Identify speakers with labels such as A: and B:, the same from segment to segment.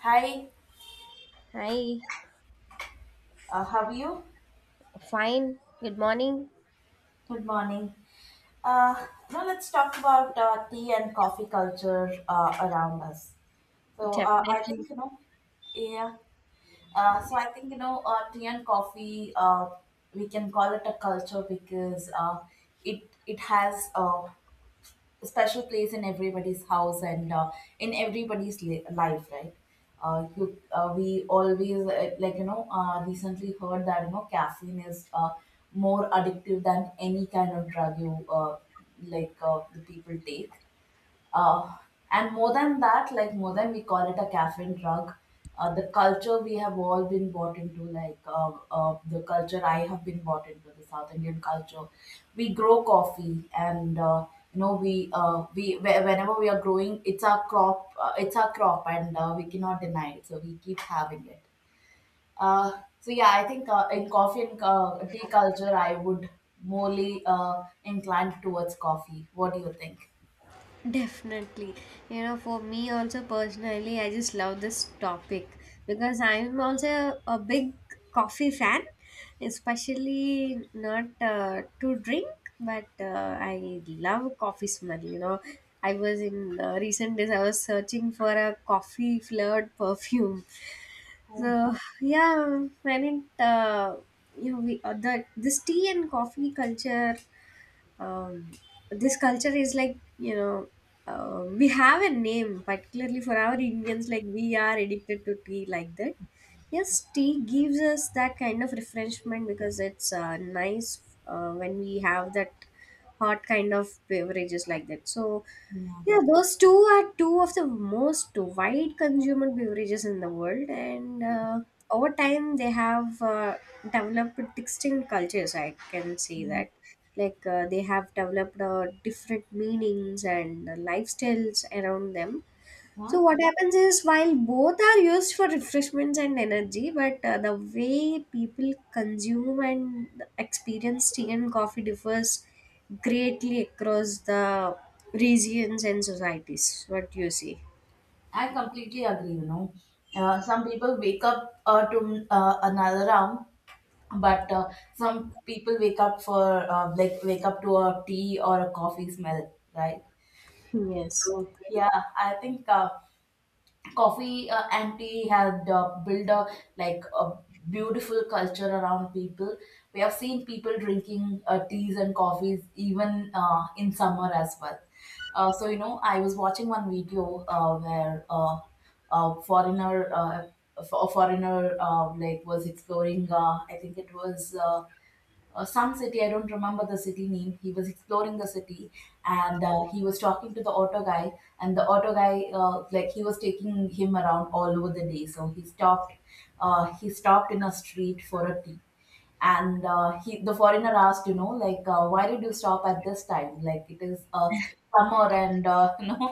A: Hi,
B: Hi,
A: how are you?
B: fine. Good morning.
A: Good morning. Uh, Now let's talk about tea and coffee culture around us. So I think
B: Definitely.
A: you know, yeah. So I think you know, tea and coffee. We can call it a culture because it has a special place in everybody's house and in everybody's life, right? We always recently heard that you know caffeine is more addictive than any kind of drug you like the people take, uh, and more than that, like more than we call it a caffeine drug, the culture we have all been bought into, like the culture I have been bought into, the south indian culture. We grow coffee and you know whenever we are growing, it's our crop, it's our crop, and we cannot deny it, so we keep having it. So yeah, I think in coffee and tea culture, I would morely inclined towards coffee. What do you think?
B: Definitely. You know, for me also personally, I just love this topic because I'm also a big coffee fan, especially not to drink, but I love coffee smell. You know, I was in recent days, I was searching for a coffee flavored perfume.
A: Oh,
B: So yeah, you know we the this tea and coffee culture um, this culture is like we have a name particularly for our indians, like we are addicted to tea like that. Yes, tea gives us that kind of refreshment because it's nice when we have that hot kind of beverages like that. So
A: yeah.
B: yeah, those two are two of the most wide consumer beverages in the world, and over time they have developed distinct cultures, I can say
A: Yeah.
B: that, like they have developed different meanings and lifestyles around them.
A: Yeah.
B: So what happens is while both are used for refreshments and energy, but the way people consume and experience tea and coffee differs greatly across the regions and societies. What do you see?
A: I completely agree, you know. Some people wake up to another round, but some people wake up for wake up to a tea or a coffee smell, right?
B: Yes.
A: So yeah, I think coffee anti had built a, like a beautiful culture around people. We have seen people drinking teas and coffees even in summer as well. So you know, I was watching one video where a foreigner uh, a foreigner, like, was exploring, I think it was some city, I don't remember the city name. He was exploring the city, and he was talking to the auto guy, and the auto guy, like, he was taking him around all over the day, so he stopped, he stopped in a street for a tea. And he the foreigner asked, you know, like, why did you stop at this time? Like, it is summer, and you know,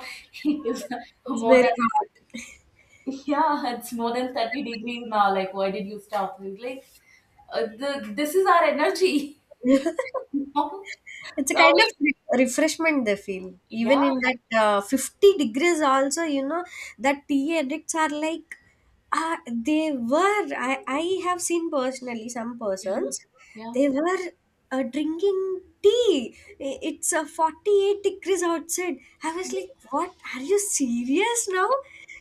A: it is
B: It's
A: more
B: very
A: than
B: hard.
A: yeah, it's more than 30 degrees now, like, why did you stop? He's like, this is our energy.
B: it's a
A: So
B: kind of re- refreshment they feel
A: yeah,
B: even in that 50 degrees also, you know, that tea addicts are like they were. I have seen personally some
A: yeah,
B: persons,
A: yeah,
B: they were drinking tea. It's a 48 degrees outside. I was like, what, are you serious now?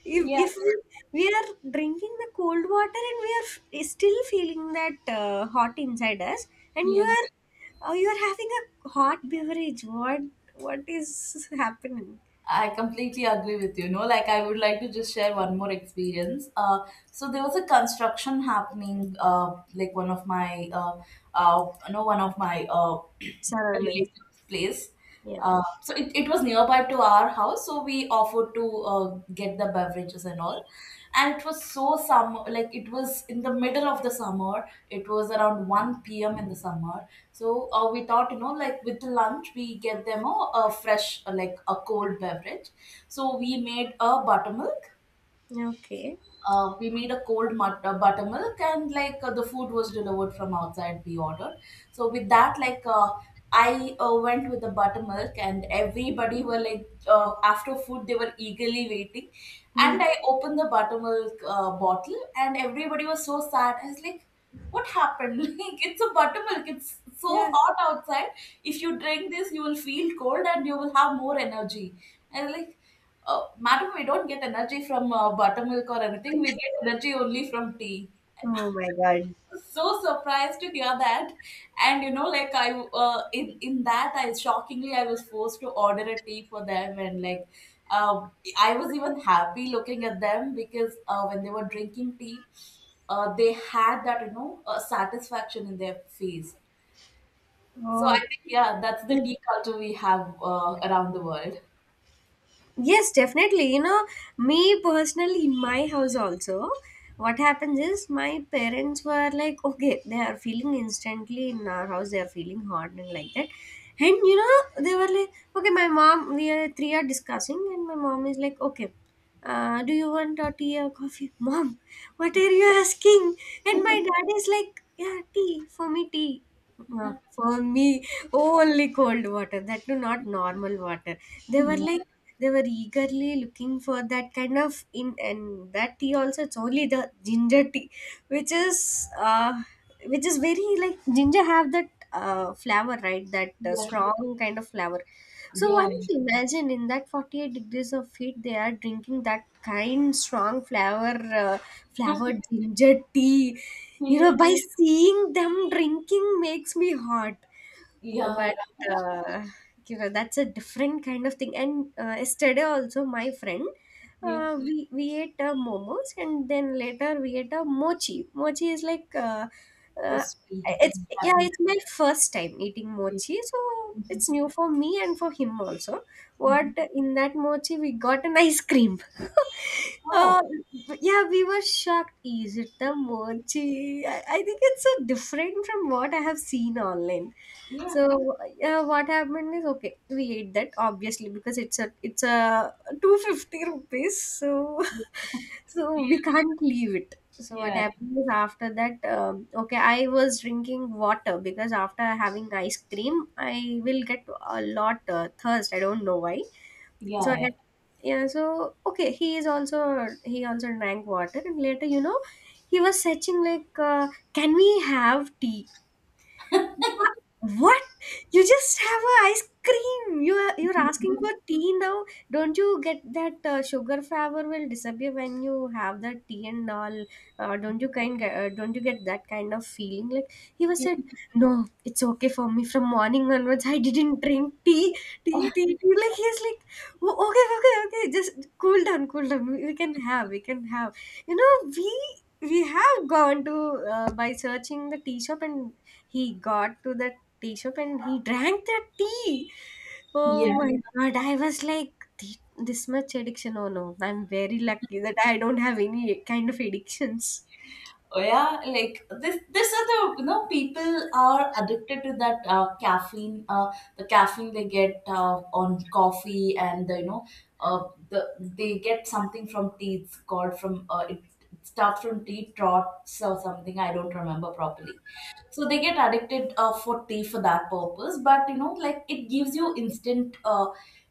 B: if,
A: yeah,
B: if we are drinking the cold water and we are still feeling that hot inside us, and you
A: yeah.
B: are— oh, you are having a hot beverage. What is happening?
A: I completely agree with you. No, like, I would like to just share one more experience. So there was a construction happening. Like one of my no, one of my
B: Surroundings.
A: relatives' place.
B: Yeah.
A: So it was nearby to our house, so we offered to get the beverages and all. And it was so summer, like, it was in the middle of the summer. It was around 1 p.m. in the summer. So we thought, you know, like with the lunch, we get them a fresh, like a cold beverage. So we made a buttermilk,
B: Okay.
A: we made a cold mut- buttermilk, and like the food was delivered from outside, we ordered. So with that, like, I went with the buttermilk, and everybody were like, after food they were eagerly waiting, and I opened the buttermilk bottle, and everybody was so sad. I was like, what happened? Like, it's a buttermilk, it's so
B: Yeah.
A: hot outside. If you drink this, you will feel cold and you will have more energy. And like, madam, we don't get energy from buttermilk or anything. We get energy only from tea.
B: Oh my god.
A: So surprised to hear that. And you know, like, I in that, I shockingly I was forced to order a tea for them, and like, um I was even happy looking at them, because when they were drinking tea, they had that, you know, satisfaction in their face. So I
B: Oh.
A: think, yeah, that's the tea culture we have around the world.
B: Yes, definitely. You know, me personally, in my house also, what happens is my parents were like, okay, they are feeling instantly in our house, they are feeling hot and like that. And you know, they were like, okay, my mom— we are three are discussing, and my mom is like, okay, do you want a tea or coffee? Mom, what are you asking? And my dad is like, yeah, tea. For me, only cold water, that too, not normal water. They were
A: Yeah,
B: like, they were eagerly looking for that kind of in, and that tea also it's only the ginger tea, which is uh which is very like ginger have that flavor, right? That
A: yeah,
B: strong kind of flavor. So
A: yeah.
B: one can imagine in that 48 degrees of heat they are drinking that kind strong flavor, uh, flavored ginger tea. You know,
A: Yeah.
B: by seeing them drinking makes me hot.
A: Yeah,
B: But
A: right.
B: uh, you know, that's a different kind of thing. And yesterday also my friend,
A: Yeah.
B: we ate momos, and then later we ate a mochi. Mochi is like
A: A
B: uh,
A: sweet,
B: it's— yeah,
A: happy.
B: it's my first time eating
A: Yeah.
B: mochi, so
A: Mhm,
B: it's new for me and for him also. What,
A: mhm.
B: in that mochi we got an ice cream?
A: Oh,
B: uh, yeah, we were shocked. Is it the mochi? I think it's so different from what I have seen online.
A: yeah.
B: So yeah, what happened is, okay, we ate that obviously because it's a 250 rupees. So so
A: Yeah,
B: we can't leave it. So what
A: yeah,
B: happened is after that, okay, I was drinking water because after having ice cream, I will get a lot thirst. I don't know why. So
A: yeah.
B: I, yeah, so okay, he also drank water, and later you know he was searching like, can we have tea? What? You just have a ice cream. You're asking for tea now. Don't you get that sugar flavor will disappear when you have that tea and all? Don't you get that kind of feeling? Like, he was
A: Yeah.
B: said, no, it's okay for me. From morning onwards, I didn't drink tea, tea. Like he's like, "O- okay, okay. Just cool down, cool down. We can have, we can have. You know, we have gone to by searching the tea shop, and he got to the tea shop and he drank the tea. Oh
A: Yeah.
B: my god, I was like, "This much addiction. Oh no, I'm very lucky that I don't have any kind of addictions.
A: Oh, yeah, like this. This are, the you know, people are addicted to that caffeine. The caffeine they get on coffee, and the, you know, uh, they get something from tea. It's called from it starts from tea trots or something, I don't remember properly. So they get addicted for tea for that purpose, but you know, like, it gives you instant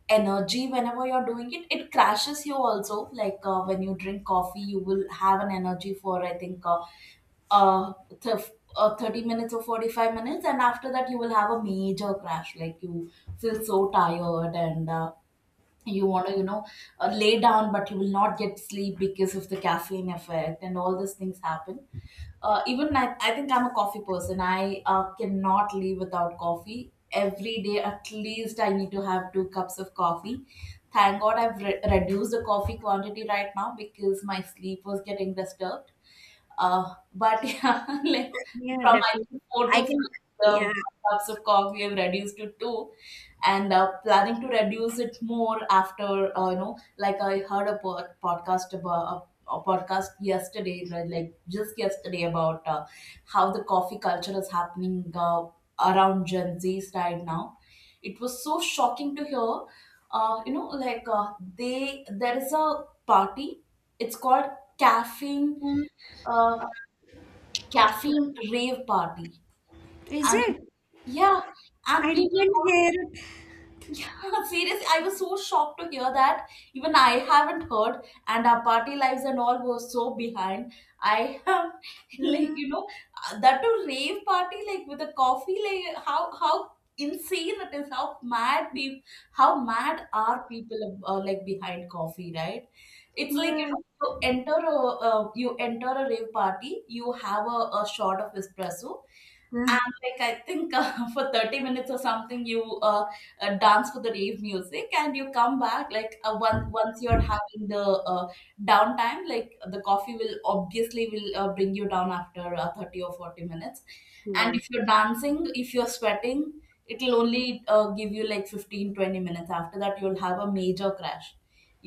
A: energy whenever you're doing it. It crashes you also. Like, when you drink coffee, you will have an energy for, I think, uh, 30 minutes or 45 minutes, and after that you will have a major crash. Like, you feel so tired, and you want to, you know, lay down, but you will not get sleep because of the caffeine effect and all these things happen. Even I think I'm a coffee person. I cannot live without coffee. Every day at least I need to have 2 cups of coffee. Thank god I've reduced the coffee quantity right now because my sleep was getting disturbed. But yeah, like,
B: Yeah,
A: from I
B: definitely.
A: think four
B: I
A: to five
B: can, yeah.
A: cups of coffee, we have reduced to two, and planning to reduce it more after, you know, like, I heard podcast about a podcast yesterday, right, like just yesterday, about how the coffee culture is happening around Gen Zs right now. It was so shocking to hear. You know, like, they there is a party. It's called caffeine,
B: Mm.
A: uh, caffeine rave party.
B: Is
A: I mean,
B: it?
A: yeah. And
B: I didn't
A: people
B: hear it.
A: go. Seriously, I was so shocked to hear that. Even I haven't heard, and our party lives and all were so behind. I have, like,
B: Uh,
A: you know, that to rave party, like with a coffee, like, how insane it is. How mad people, how mad are people like behind coffee, right? It's like, you
B: yeah.
A: know, you enter a rave party, you have a shot of espresso,
B: Uh,
A: and like I think for 30 minutes or something, you dance for the rave music, and you come back like, once you're having the uh, downtime, like the coffee will obviously will bring you down after 30 or 40 minutes. And if
B: yes.
A: you're dancing, if you're sweating, it'll only give you like 15-20 minutes. After that, you'll have a major crash.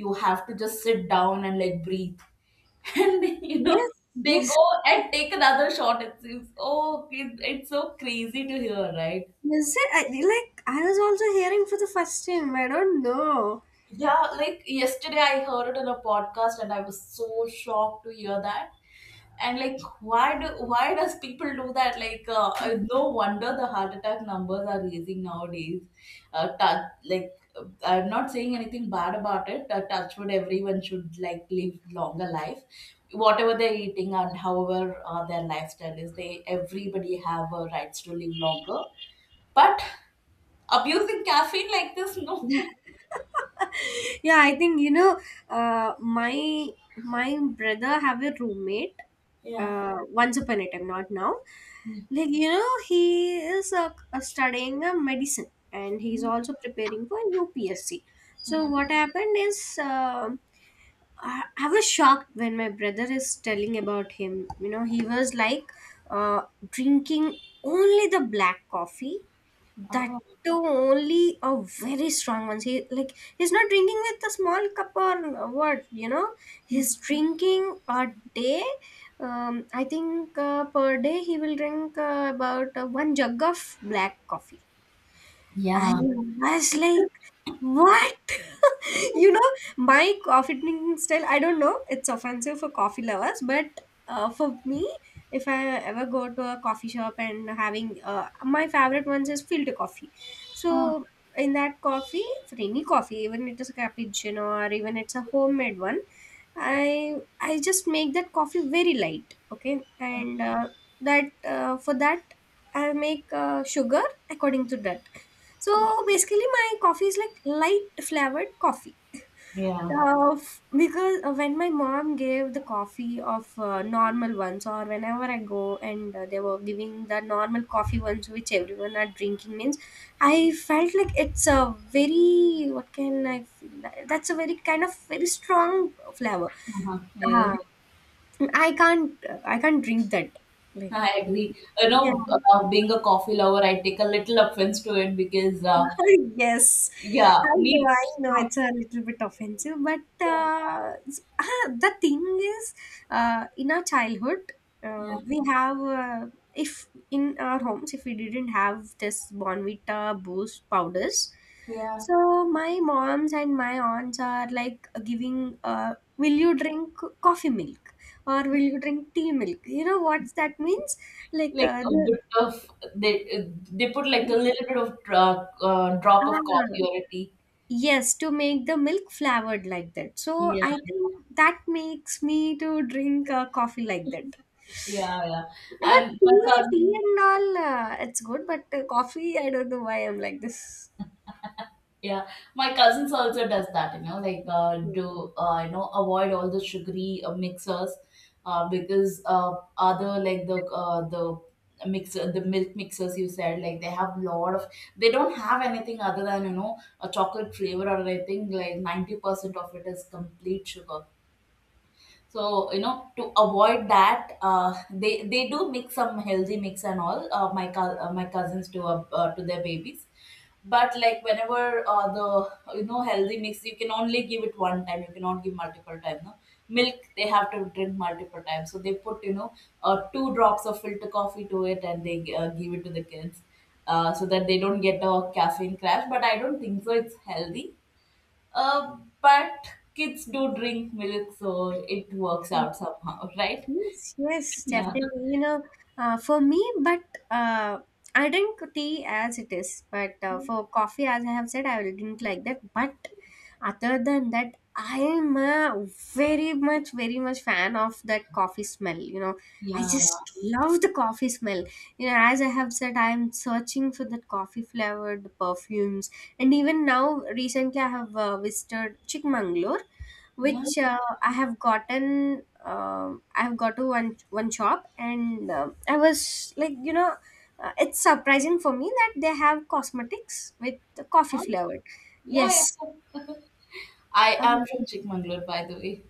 A: You have to just sit down and like breathe. And you know,
B: Yes.
A: they
B: Yes.
A: go and take another shot, it seems. Oh, it's so crazy to hear, right?
B: Is it? Like, I was also hearing for the first time. I don't know.
A: Yeah, like yesterday I heard it on a podcast, and I was so shocked to hear that. And like, why does people do that? Like, no wonder the heart attack numbers are raising nowadays. I'm not saying anything bad about it. Touch wood, everyone should like live longer life, whatever they're eating, and however their lifestyle is. They Everybody have rights to live longer, but abusing caffeine like this, no.
B: Yeah, I think, you know, uh, my my brother have a roommate,
A: Yeah.
B: once upon a time, not now. Like, you know, he is studying medicine, and he's also preparing for upsc. So
A: Yeah.
B: what happened is, I was shocked when my brother is telling about him. You know, he was like, uh, drinking only the black coffee, that
A: Oh.
B: too only a very strong ones. He like, he's not drinking with a small cup or what, you know? He's drinking a day, I think per day he will drink about one jug of black coffee. I
A: Yeah,
B: was like, what? You know, my coffee drinking style, I don't know, it's offensive for coffee lovers, but for me, if I ever go to a coffee shop and having my favorite ones is filter coffee. So, in that coffee, for any coffee, even it is a cappuccino or even it's a homemade one, I just make that coffee very light, okay, and that for that I make sugar according to that. So basically, my coffee is like light flavored coffee.
A: yeah,
B: Because when my mom gave the coffee of normal ones, or whenever I go and they were giving the normal coffee ones which everyone are drinking, means I felt like it's a very— what can I? That's a very kind of very strong flavor.
A: uh-huh. Yeah.
B: Ah, I can't drink that. Like,
A: I agree. You
B: yeah.
A: know, being a coffee lover, I take a little offense to it, because,
B: Yes,
A: yeah, need
B: I know
A: strong.
B: it's a little bit offensive, but
A: Yeah,
B: ah, the thing is, in our childhood, uh,
A: yeah,
B: we have, uh, if in our homes, if we didn't have this Bonvita Boost powders,
A: yeah.
B: so my moms and my aunts are like giving, will you drink coffee milk or will you drink tea milk? You know what that means? Like,
A: Like a bit of, they put like a little bit of drop of
B: ah,
A: coffee or a tea.
B: yes, to make the milk flavored like that. So
A: Yeah,
B: I think that makes me to drink coffee like that.
A: yeah, yeah.
B: But
A: And my
B: tea, tea
A: cousin,
B: and all, it's good. But coffee, I don't know why I'm like this.
A: yeah, my cousins also does that, you know, like,
B: Mm.
A: do you know, avoid all the sugary mixers, because other like the mixer, the milk mixers you said, like, they have lot of, they don't have anything other than, you know, a chocolate flavor or anything. Like 90% of it is complete sugar, so you know, to avoid that, they do make some healthy mix and all. My cousins do, to their babies. But like, whenever the you know, healthy mix, you can only give it one time, you cannot give multiple times, no. Milk they have to drink multiple times, so they put, you know, 2 drops of filter coffee to it, and they give it to the kids, so that they don't get a caffeine crash. But I don't think so it's healthy. But kids do drink milk, so it works out somehow, right?
B: Yes, yes,
A: Yeah,
B: definitely. You know, for me, but uh, I drink tea as it is. But for coffee, as I have said, I will drink like that. But other than that, I am a very much fan of that coffee smell. You know, I
A: yeah,
B: just love the coffee smell. You know, as I have said, I am searching for that coffee flavored perfumes. And even now, recently, I have visited Chikmagalur,
A: yeah.
B: which I have gotten I've got to one shop, and I was like, you know, it's surprising for me that they have cosmetics with the coffee
A: Huh?
B: flavored.
A: Yeah, yeah,
B: Yes,
A: yeah. I
B: um,
A: am from Chikmagalur, by the way.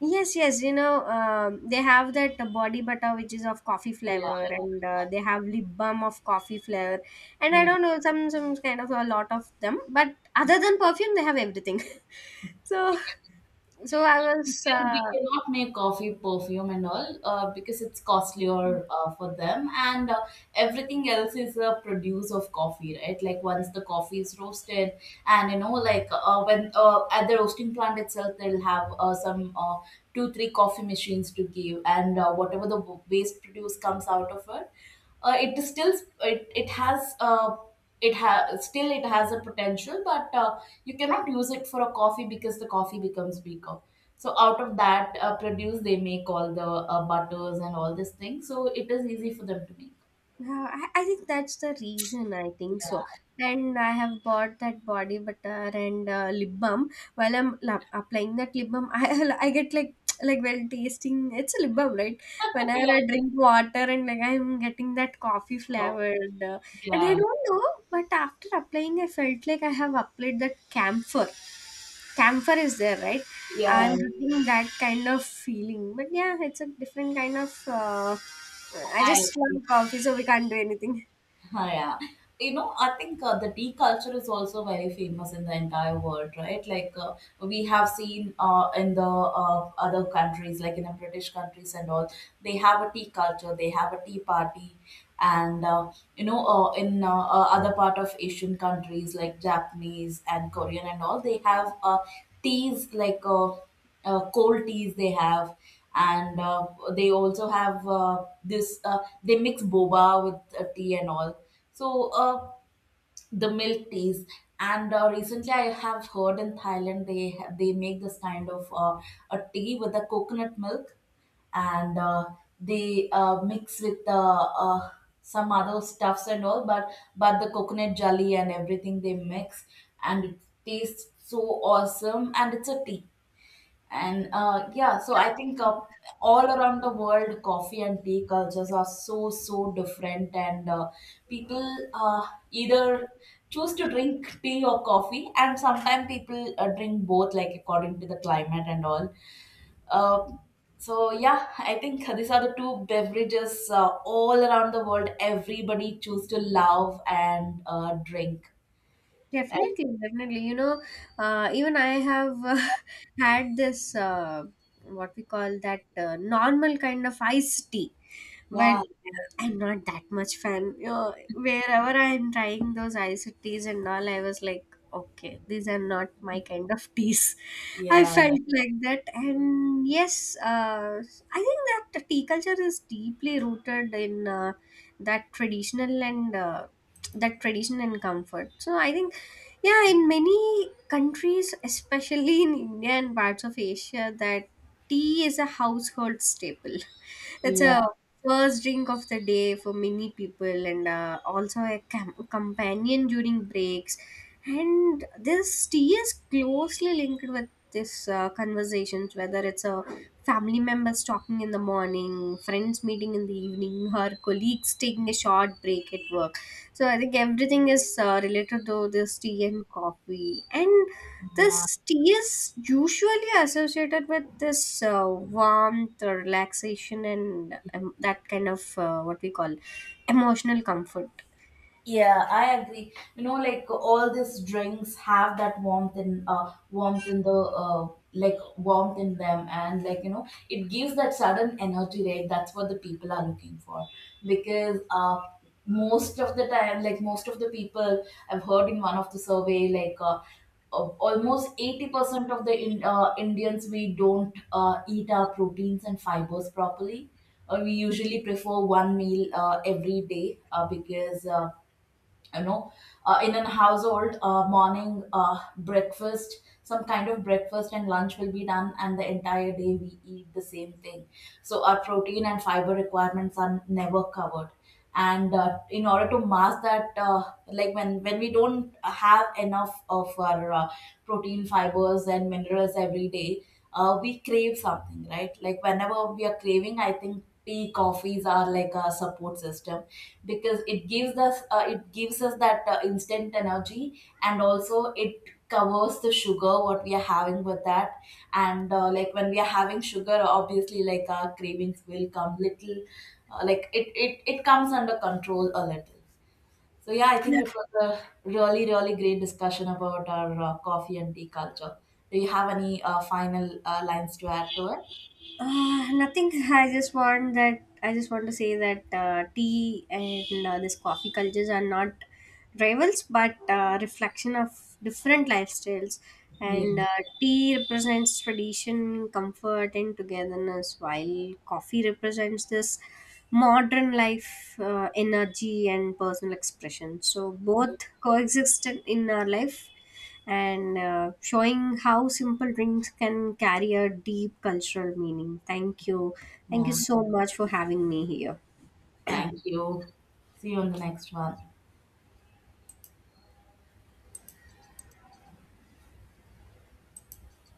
B: yes, yes. You know, they have that body butter which is of coffee
A: Yeah,
B: flavor, and they have lip balm of coffee flavor, and I
A: yeah.
B: don't know, some kind of a lot of them. But other than perfume, they have everything. so so I was
A: Because we cannot make coffee perfume and all, because it's costlier for them. And everything else is a produce of coffee, right? Like once the coffee is roasted and you know, like when at the roasting plant itself, they'll have some 2 3 coffee machines to give, and whatever the waste produce comes out of it, it is still, it has it has still, it has a potential, but you cannot use it for a coffee because the coffee becomes weaker. So out of that produce, they make all the butters and all this thing, so it is easy for them to make.
B: Yeah, I think that's the reason. I think so.
A: Yeah.
B: And I have bought that body butter and lip balm. While I'm applying that lip balm, I I get like like well tasting. It's a lip balm, right? Whenever
A: Yeah,
B: I drink water and like I'm getting that coffee
A: so
B: flavored, and I
A: yeah,
B: don't know. But after applying, I felt like I have applied that camphor. Camphor is there, right?
A: yeah,
B: I'm getting that kind of feeling. But yeah, it's a different kind of. I
A: I
B: just
A: agree.
B: love coffee, so we can't do anything.
A: Huh, yeah. You know, I think the tea culture is also very famous in the entire world, right? Like we have seen in the other countries, like in the British countries and all, they have a tea culture, they have a tea party, and you know, in other part of Asian countries, like Japanese and Korean and all, they have teas, like cold teas they have. And they also have this they mix boba with tea and all, so the milk teas. And recently I have heard in Thailand, they make this kind of a tea with the coconut milk, and they mix with the uh, some other stuffs and all. But the coconut jelly and everything they mix, and it tastes so awesome, and it's a tea. And yeah, so I think all around the world, coffee and tea cultures are so, so different. And people uh, either choose to drink tea or coffee, and sometimes people drink both, like according to the climate and all. Uh, so yeah, I think these are the two beverages all around the world. Everybody choose to love and drink. And
B: Definitely, definitely. You know, even I have had this what we call that normal kind of iced tea, but
A: yeah,
B: I'm not that much fan. You know, wherever I'm trying those iced teas and all, I was like, okay, these are not my kind of teas. I
A: yeah,
B: felt like that. And yes, I think that the tea culture is deeply rooted in that traditional and uh, that tradition and comfort. So I think yeah, in many countries, especially in India and parts of Asia, that tea is a household staple. It's a
A: yeah,
B: first drink of the day for many people, and also a companion during breaks. And this tea is closely linked with this conversations, whether it's a family members talking in the morning, friends meeting in the evening, or colleagues taking a short break at work. So I think everything is related to this tea and coffee. And
A: yeah.
B: this tea is usually associated with this warmth, relaxation, and that kind of what we call emotional comfort.
A: Yeah, I agree. You know, like all these drinks have that warmth in them. And like, you know, it gives that sudden energy, right? That's what the people are looking for. Because most of the time, like most of the people, I've heard in one of the survey, like almost 80% of the in, Indians, we don't eat our proteins and fibers properly. We usually prefer one meal every day, because you know, in an household, morning, breakfast, some kind of breakfast and lunch will be done, and the entire day we eat the same thing. So our protein and fiber requirements are never covered. And in order to mask that, like when we don't have enough of our protein, fibers and minerals every day, we crave something, right? Like whenever we are craving, I think tea, coffees are like a support system, because it gives us that instant energy. And also it covers the sugar what we are having with that. And like when we are having sugar, obviously like our cravings will come little. Like it comes under control a little. So yeah, I think
B: Yeah.
A: it was a really, really great discussion about our coffee and tea culture. Do you have any final lines to add to it?
B: Nothing. I just want that. I just want to say that tea and this coffee cultures are not rivals, but reflection of different lifestyles.
A: Yeah,
B: And tea represents tradition, comfort, and togetherness, while coffee represents this modern life, energy, and personal expression. So both coexist in our life, and showing how simple drinks can carry a deep cultural meaning. Thank you. Thank you
A: yeah.
B: so much for having me here.
A: Thank you. See you on the next one.